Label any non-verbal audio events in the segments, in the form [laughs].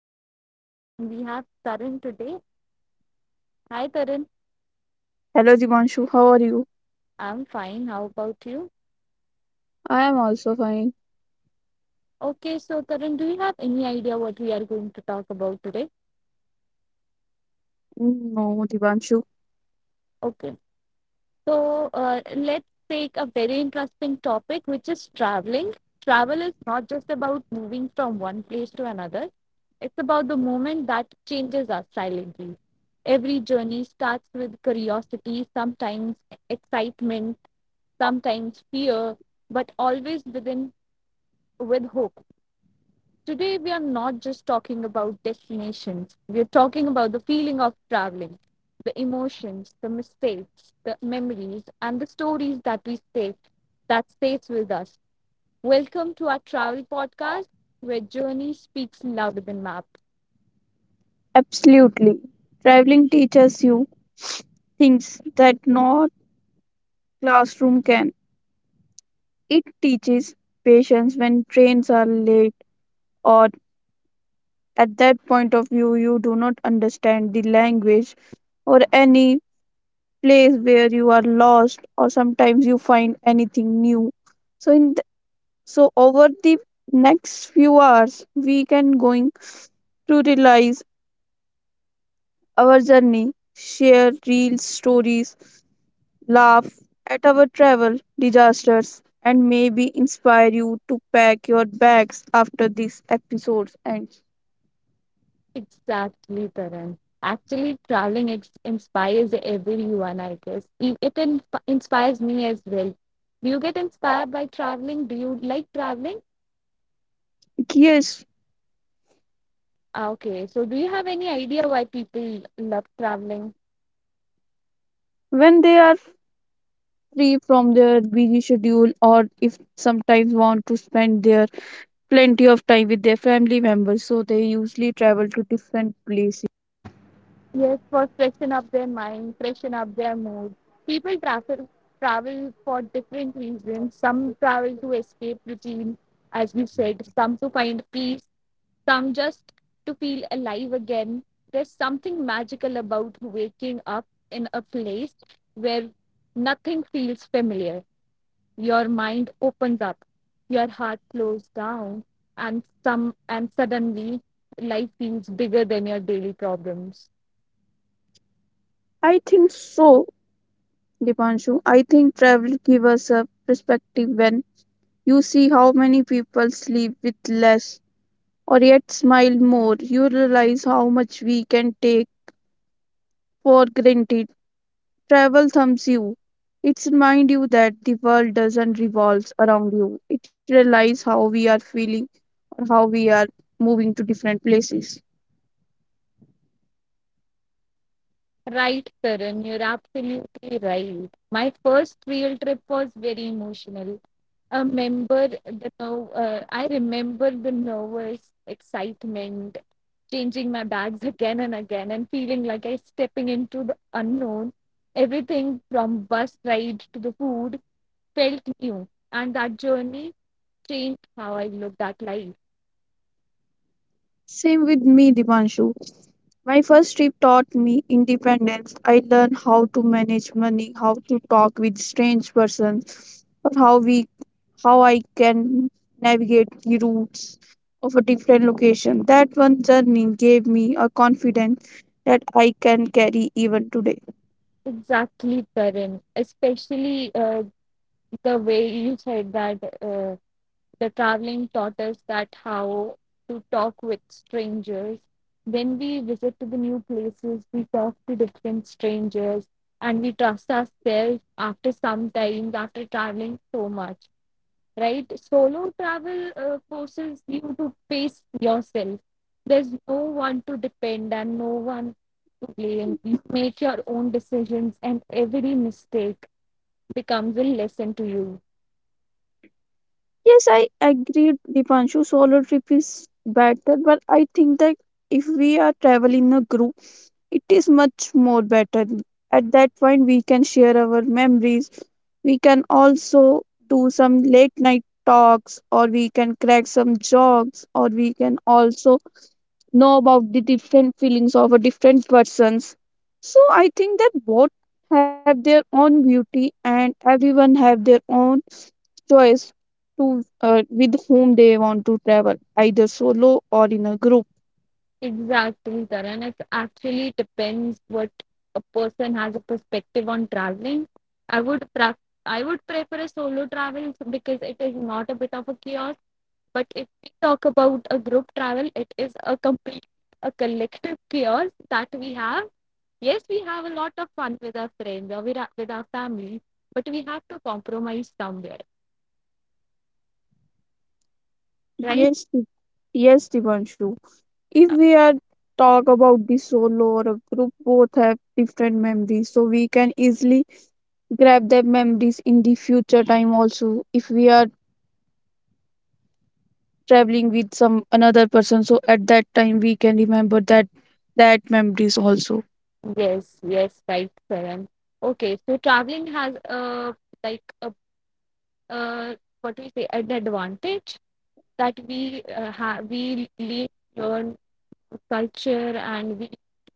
my podcast, and we have Taran today. Hi, Taran. Hello, Divanshu. How are you? I'm fine. How about you? I am also fine. Okay, so Taran, do you have any idea what we are going to talk about today? No, Divanshu. Okay, so let's take a very interesting topic, which is traveling. Travel is not just about moving from one place to another, it's about the moment that changes us silently. Every journey starts with curiosity, sometimes excitement, sometimes fear, but always with hope. Today we are not just talking about destinations. We are talking about the feeling of traveling, the emotions, the mistakes, the memories, and the stories that stays with us. Welcome to our travel podcast where journey speaks louder than maps. Absolutely. Traveling teaches you things that no classroom can. It teaches patience when trains are late, or at that point of view, you do not understand the language or any place where you are lost, or sometimes you find anything new. So, in th- so over the next few hours, we can going to realize our journey, share real stories, laugh at our travel disasters, and maybe inspire you to pack your bags after this episode ends. Exactly, Karan. Actually, inspires everyone, I guess. It inspires me as well. Do you get inspired by traveling? Do you like traveling? Yes, Ah, okay, so do you have any idea why people love traveling? when they are free from their busy schedule, or if sometimes want to spend their plenty of time with their family members, so they usually Yes, for freshen up their mind, freshen up their mood. People travel for different reasons. Some travel to escape routine, as we said. Some to find peace, some just to feel alive again. There's something magical about waking up in a place where nothing feels familiar. Your mind opens up, your heart slows down, and some and suddenly life feels bigger than your daily problems. I think so, Dipanshu. I think travel gives us a perspective when you see how many people sleep with less or yet smile more. You realize how much we can take for granted. Travel thumbs you. It's remind you that the world doesn't revolve around you. It realizes how we are feeling or how we are moving to different places. Right, Karan, you're absolutely right. My first real trip was very emotional. I remember the no- I remember the nervous excitement, changing my bags again and again and feeling like I stepping into the unknown. Everything from bus ride to the food felt new, and that journey changed how I looked at life. Same with me, Dipanshu. My first trip taught me independence. I learned how to manage money, how to talk with strange persons, or how I can navigate the routes of a different location. That one journey gave me a confidence that I can carry even today. Exactly, Karan. Especially the way you said that. The traveling taught us that how to talk with strangers. When we visit to the new places, we talk to different strangers and we trust ourselves after some time, after traveling so much, right? Solo travel forces you to face yourself. There's no one to depend and no one to blame. You make your own decisions, and every mistake becomes a lesson to you. Yes, I agree, Dipanshu. Solo trip is better, but I think that if we are traveling in a group, it is much more better. At that point, we can share our memories. We can also do some late night talks, or we can crack some jokes, or we can also know about the different feelings of a different persons. So I think that both have their own beauty, and everyone have their own choice to with whom they want to travel, either solo or in a group. Exactly, Taran. It actually depends what a person has a perspective on traveling. I would pra- I would prefer a solo travel because it is not a bit of a chaos. But if we talk about a group travel, it is a collective chaos that we have. Yes, we have a lot of fun with our friends or with our family, but we have to compromise somewhere, right? Yes, Di- yes, Divanshu. If we are talk about the solo or a group, both have different memories, so we can easily grab their memories in the future time also. If we are traveling with some another person, so at that time we can remember that that memories also. Yes, yes, right, Taran. Okay, so traveling has a like a uh, what do you say, an advantage that we have, we learn culture and we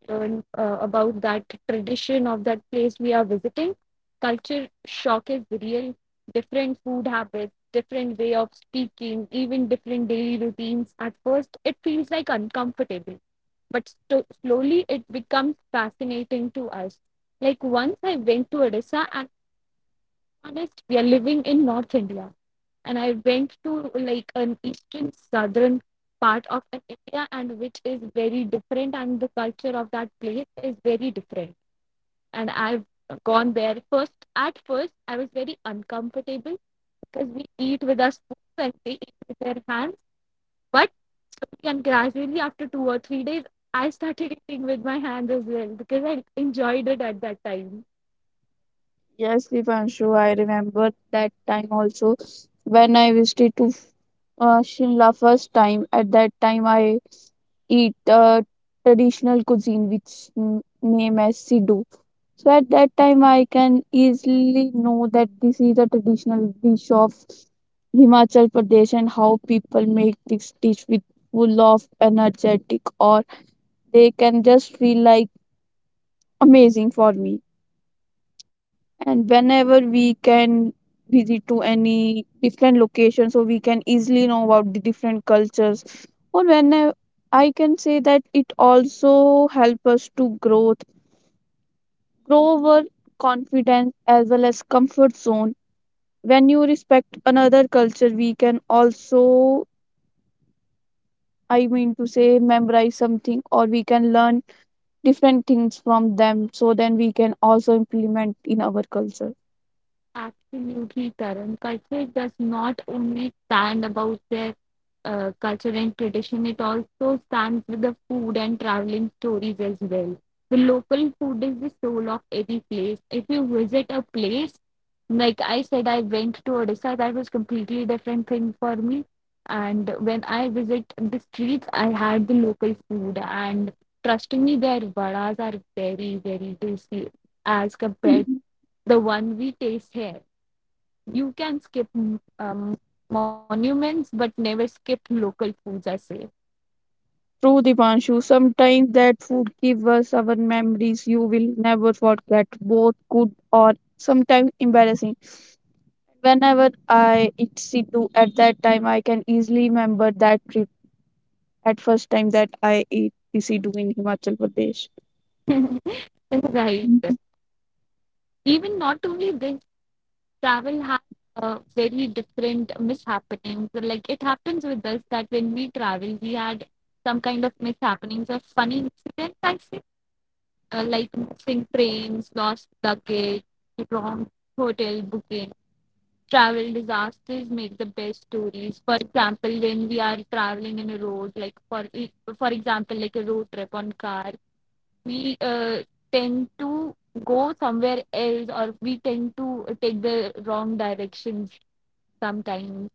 learn about that tradition of that place we are visiting. Culture shock is real, different food habits, different way of speaking, even different daily routines. At first it feels like uncomfortable, but slowly it becomes fascinating to us. Like, once I went to Odisha, and to be honest, we are living in North India, and I went to like an eastern, southern part of India, and which is very different, and the culture of that place is very different. And I've gone there first. At first I was very uncomfortable because we eat with our spoons and they eat with their hands. But and gradually after 2 or 3 days I started eating with my hands as well because I enjoyed it at that time. Yes, Divanshu, I remember that time also when I visited to Shimla first time. At that time, I eat traditional cuisine, which name as Sidhu. So at that time, I can easily know that this is a traditional dish of Himachal Pradesh and how people make this dish with full of energetic, or they can just feel like amazing for me. And whenever we can visit to any different location so we can easily know about the different cultures or when I, I can say that it also help us to grow our confidence as well as comfort zone when you respect another culture we can also I mean to say memorize something or we can learn different things from them so then we can also implement in our culture. Absolutely, Karan. Culture does not only stand about their culture and tradition, it also stands with the food and traveling stories as well. The local food is the soul of any place. If you visit a place, like I said, I went to Odisha, that was completely different thing for me. And when I visit the streets, I had the local food, and trust me, their vadas are very, very tasty as compared the one we taste here. You can skip um, monuments, but never skip local foods, I say. True, Dipanshu, sometimes that food gives us our memories you will never forget, both good or sometimes embarrassing. Whenever I eat Siddu at that time, I can easily remember that trip at first time that I ate the Siddu in Himachal Pradesh. [laughs] Right. Mhm. Even not only this, travel has very different mishappenings. Like it happens with us that when we travel, we had some kind of mishappenings or funny incidents, I say, like missing trains, lost luggage, wrong hotel booking. Travel disasters make the best stories. For example, when we are traveling in a road, like for example, like a road trip on car, we tend to go somewhere else or we tend to take the wrong directions sometimes.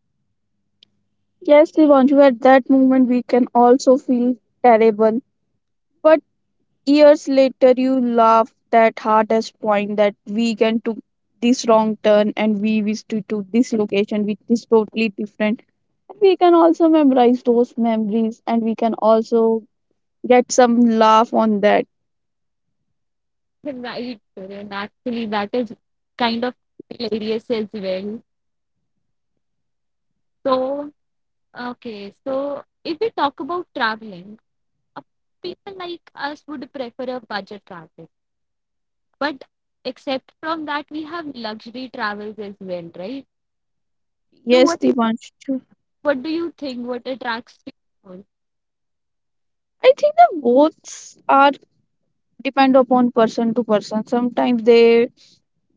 Yes, Divanshu. At that moment we can also feel terrible, but years later, you laugh that hardest point that weekend took this wrong turn and we wish to this location which is totally different. We can also memorize those memories and we can also get some laugh on that. [laughs] Right, and actually that is kind of hilarious as well. So, okay, so if we talk about traveling, uh, people like us would prefer a budget travel. But except from that, we have luxury travels as well, right? So Yes, what Dipansh. True. what do you think? What attracts you more? I think the both are depend upon person to person. Sometimes they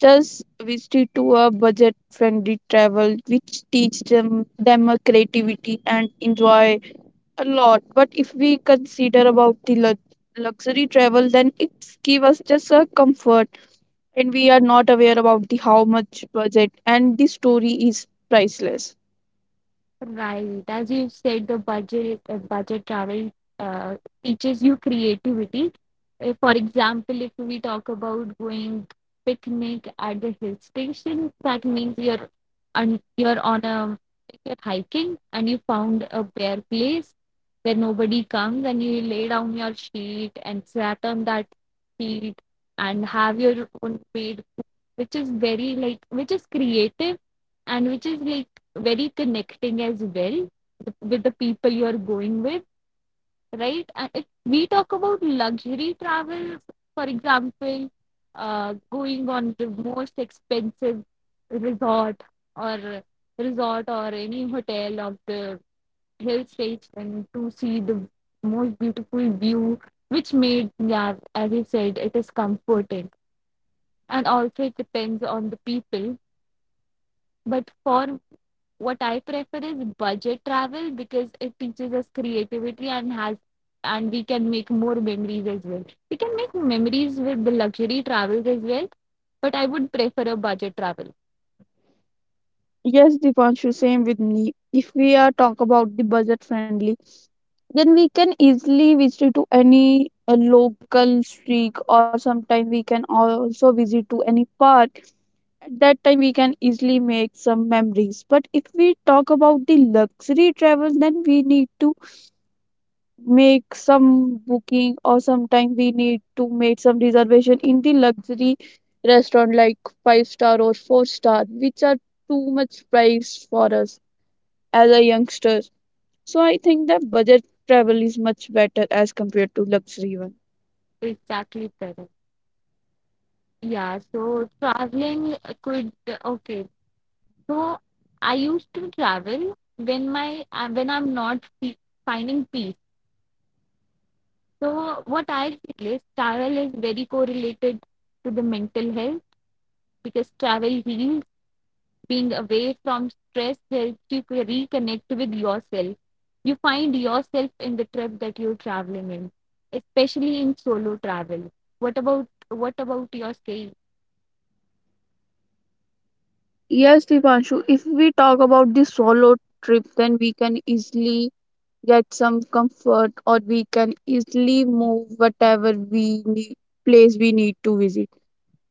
just wish to do a budget friendly travel which teach them a creativity and enjoy a lot but if we consider about the luxury travel then it's give us just a comfort and we are not aware about the how much budget and the story is priceless. Right. As you said, the budget travel uh, teaches you creativity. For example, if we talk about going picnic at the hill station, that means you're on a you're hiking and you found a bare place where nobody comes and you lay down your sheet and sat on that sheet and have your own made food, which is very like, which is creative and which is like very connecting as well with the people you're going with, right? And if we talk about luxury travels, for example, going on the most expensive resort or any hotel of the hill station to see the most beautiful view, which made, yeah, as you said, it is comforting. And also, it depends on the people. But for, what I prefer is budget travel because it teaches us creativity and has, and we can make more memories as well. We can make memories with the luxury travels as well, but I would prefer a budget travel. Yes, Dipanshu, same with me. If we are talk about the budget friendly then we can easily visit to any local streak or sometimes we can also visit to any park. At that time we can easily make some memories but if we talk about the luxury travel then we need to make some booking or sometimes we need to make some reservation in the luxury restaurant like five star or four-star which are too much price for us as a youngster. So I think that budget travel is much better as compared to luxury one. Exactly, Tarun. Yeah, so traveling could, okay. So I used to travel when my when I'm not finding peace. So what I feel is travel is very correlated to the mental health because travel heals. Being away from stress helps you reconnect with yourself. You find yourself in the trip that you're traveling in, especially in solo travel. What about your stay? Yes, Divanshu, if we talk about the solo trip then we can easily get some comfort or we can easily move whatever we need place we need to visit.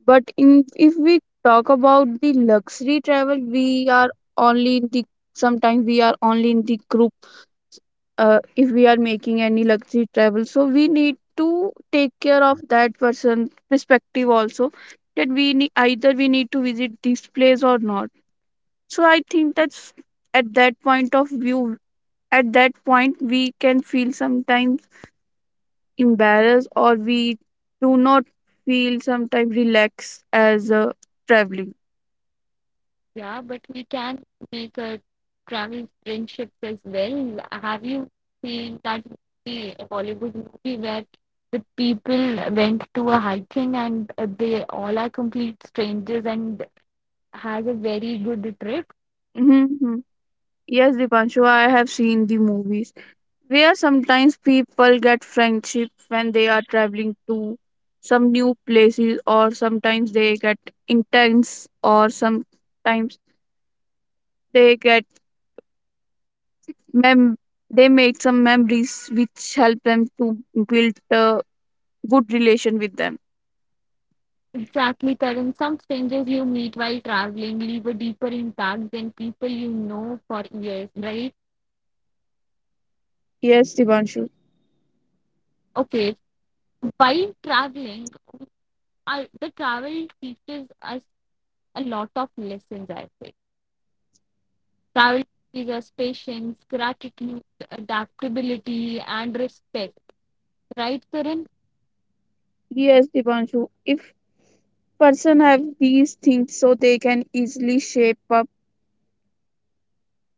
If we talk about the luxury travel, we are only in the sometimes we are only in the group if we are making any luxury travel. So we need to take care of that person perspective also that we need either we need to visit this place or not. So I think that's at that point of view at that point we can feel sometimes embarrassed or we do not feel sometimes relaxed as traveling. Yeah, but we can make a travel friendships as well. Have you seen that movie, a Bollywood movie where the people went to a hiking and they all are complete strangers and has a very good trip? Mm-hmm. Yes, Dipanshu, I have seen the movies where sometimes people get friendship when they are traveling to some new places, or sometimes they get intense, or sometimes they get mem they make some memories which help them to build a good relation with them. Exactly, Karan. Some strangers you meet while traveling leave a deeper impact than people you know for years, right? Yes, Dipanshu. Okay, while traveling, the travel teaches us a lot of lessons, I say. Travel teaches us patience, gratitude, adaptability, and respect, right, Karan? Yes, Dipanshu. If person have these things, so they can easily shape up.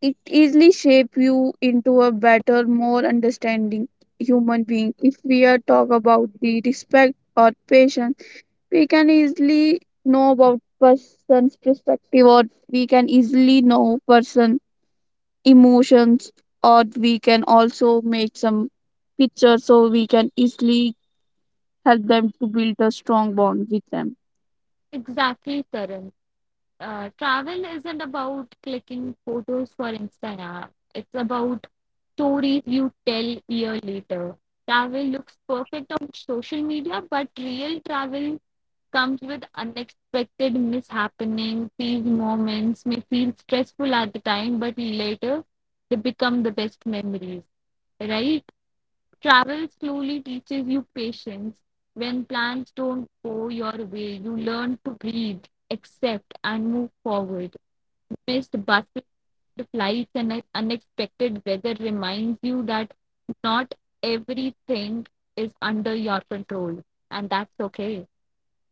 It easily shape you into a better, more understanding human being. If we are talk about the respect or patience, we can easily know about person's perspective or we can easily know person emotions or we can also make some pictures so we can easily help them to build a strong bond with them. Exactly, Karan. Travel isn't about clicking photos for Instagram. It's about stories you tell year later. Travel looks perfect on social media, but real travel comes with unexpected mishappening. These moments may feel stressful at the time, but later they become the best memories, right? Travel slowly teaches you patience. When plans don't go your way, you learn to breathe, accept and move forward. Missed buses, delayed flights, and unexpected weather reminds you that not everything is under your control, and that's okay.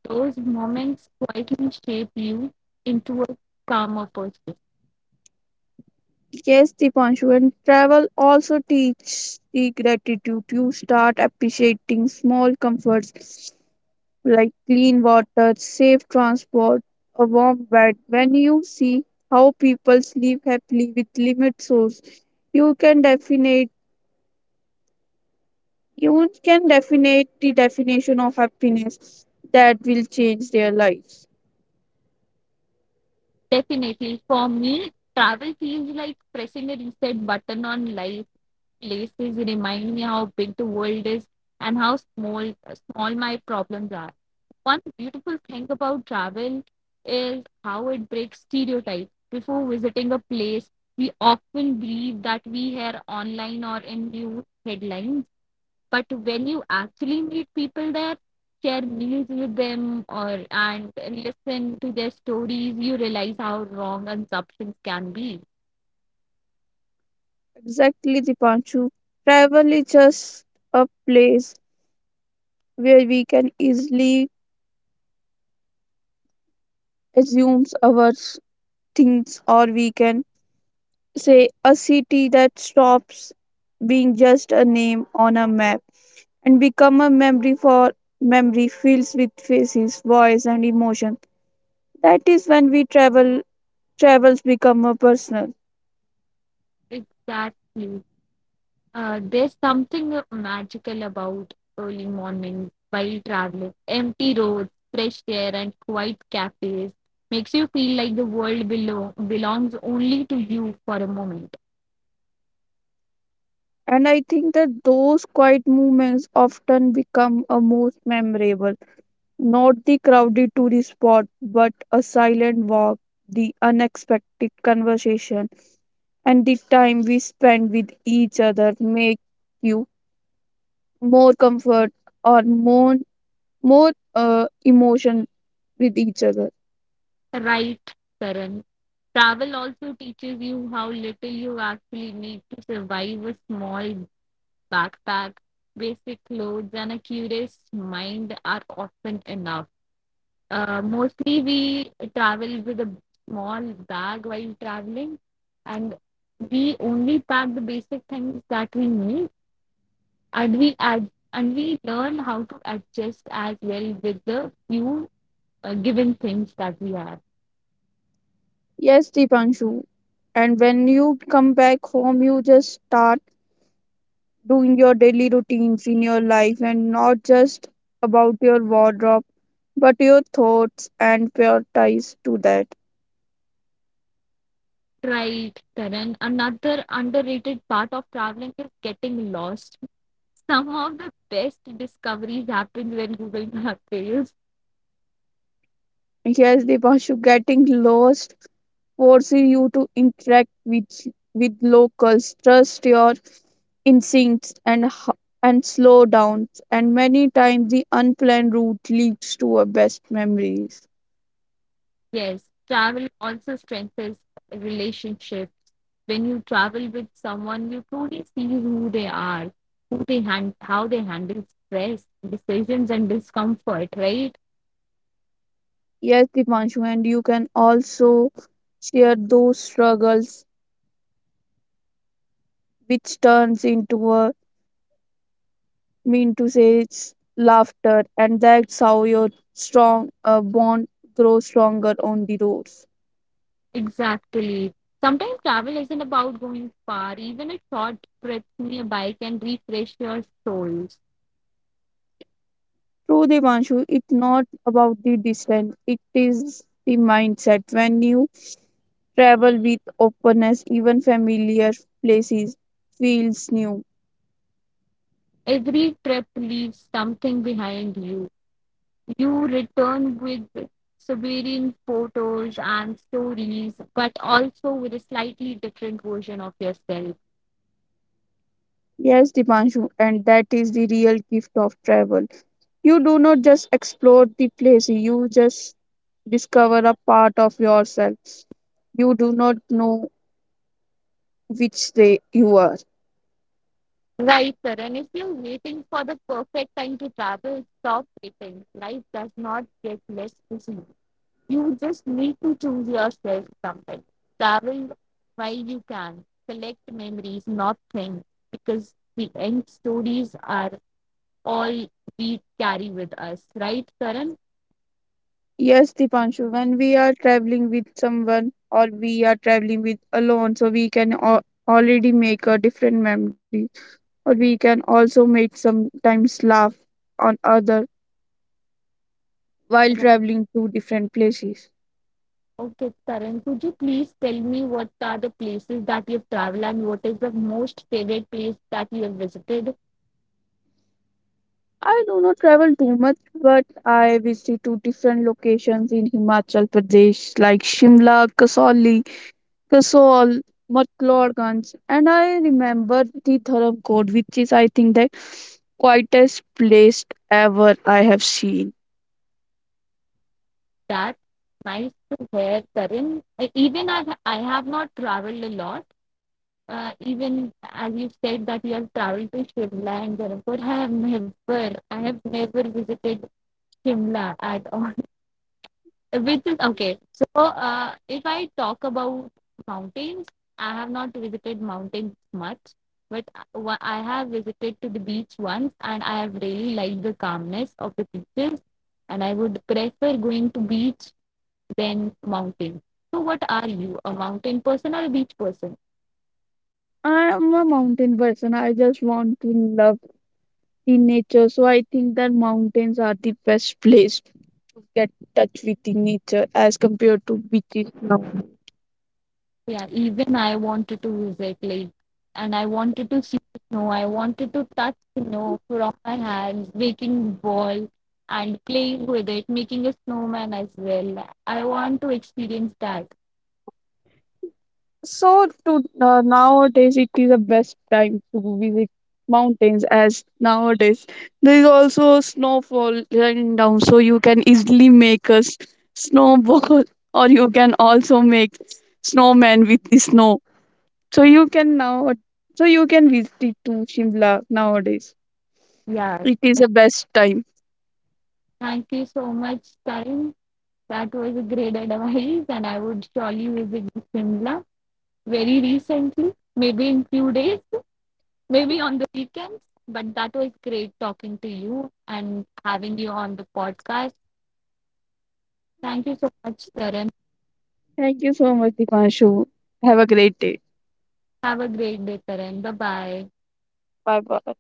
Those moments quietly shape you into a calmer person. Yes, Dipanshu, and travel also teaches the gratitude. You start appreciating small comforts like clean water, safe transport, a warm bed. When you see how people sleep happily with limited source, you can definite you can definite the definition of happiness that will change their lives. Definitely, for me, travel feels like pressing a reset button on life. Places remind me how big the world is and how small my problems are. One beautiful thing about travel is how it breaks stereotypes. Before visiting a place, we often believe that we hear online or in news headlines, but when you actually meet people there, share meals with them or and listen to their stories, you realize how wrong assumptions can be. Exactly, Dipanshu. Travel is just a place where we can easily assumes our things or we can say a city that stops being just a name on a map and become a memory for memory fills with faces voice and emotion that is when we travel travels become a personal. Exactly. There's something magical about early mornings while traveling. Empty roads, fresh air, and quiet cafes makes you feel like the world below belongs only to you for a moment. And I think that those quiet moments often become a most memorable, not the crowded tourist spot but a silent walk, the unexpected conversation and the time we spend with each other make you more comfort or more emotion with each other. Right, Karan. Travel also teaches you how little you actually need to survive: a small backpack, basic clothes, and a curious mind are often enough. Mostly we travel with a small bag while traveling and we only pack the basic things that we need, and we learn how to adjust as well with the few given things that we have. Yes, Dipanshu, and when you come back home you just start doing your daily routines in your life and not just about your wardrobe but your thoughts and prioritize to that. Right, Karan, another underrated part of traveling is getting lost. Some of the best discoveries happen when Google Maps fails. Yes, the Dipanshu, getting lost forces you to interact with locals, trust your instincts, and slow down. And many times, the unplanned route leads to our best memories. Yes, travel also strengthens relationships. When you travel with someone, you truly see who they are, how they handle stress, decisions, and discomfort. Right? Yes, Dipanshu, and you can also share those struggles, which turns into a mean to say it's laughter, and that's how your strong bond grows stronger on the roads. Exactly. Sometimes travel isn't about going far. Even a short trip nearby can refresh your souls. True, Devanshu, it's not about the distance, it is the mindset. When you travel with openness, even familiar places feels new. Every trip leaves something behind you. You return with Siberian photos and stories, but also with a slightly different version of yourself. Yes, Dipanshu, and that is the real gift of travel. You do not just explore the place, you just discover a part of yourself. You do not know which day you are. Right, sir. And if you're waiting for the perfect time to travel, stop waiting. Life does not get less busy. You just need to choose yourself something. Travel while you can. Collect memories, not things, because the end stories are all we carry with us. Right, Karan? Yes, Dipanshu, when we are traveling with someone or we are traveling with alone, so we can already make a different memory, or we can also make sometimes laugh on other while traveling to different places. Okay, Tarun, could you please tell me what are the places that you've traveled and what is the most favorite place that you have visited? I do not travel too much, but I visit two different locations in Himachal Pradesh like Shimla, Kasauli, Kasol, Mcleodganj, and I remember the Dharamkot, which is, I think, the quietest place ever I have seen. That's nice to hear, Tarun. Even I have not traveled a lot. Even as you said that you have traveled to Shimla and Jaipur, I have never visited Shimla at all, [laughs] which is okay. So, if I talk about mountains, I have not visited mountains much, but I have visited to the beach once, and I have really liked the calmness of the beaches, and I would prefer going to beach than mountain. So, what are you, a mountain person or a beach person? I am a mountain person. I just want to love the nature, so I think that mountains are the best place to get touch with the nature as compared to beaches now. Yeah, even I wanted to visit, like, and I wanted to see the snow. I wanted to touch snow from my hands, making ball and playing with it, making a snowman as well. I want to experience that. So to nowadays it is the best time to visit mountains as nowadays there is also snowfall running down so you can easily make a snowball [laughs] or you can also make snowman with the snow. So you can now so you can visit it to Shimla nowadays. Yeah, It is the best time. thank you so much, Karan. That was a great advice, and I would surely visit Shimla very recently, maybe in few days, maybe on the weekends. But that was great talking to you and having you on the podcast. Thank you so much, Karan. Thank you so much, Dipanshu. Have a great day. Have a great day, Karan. Bye bye. Bye bye.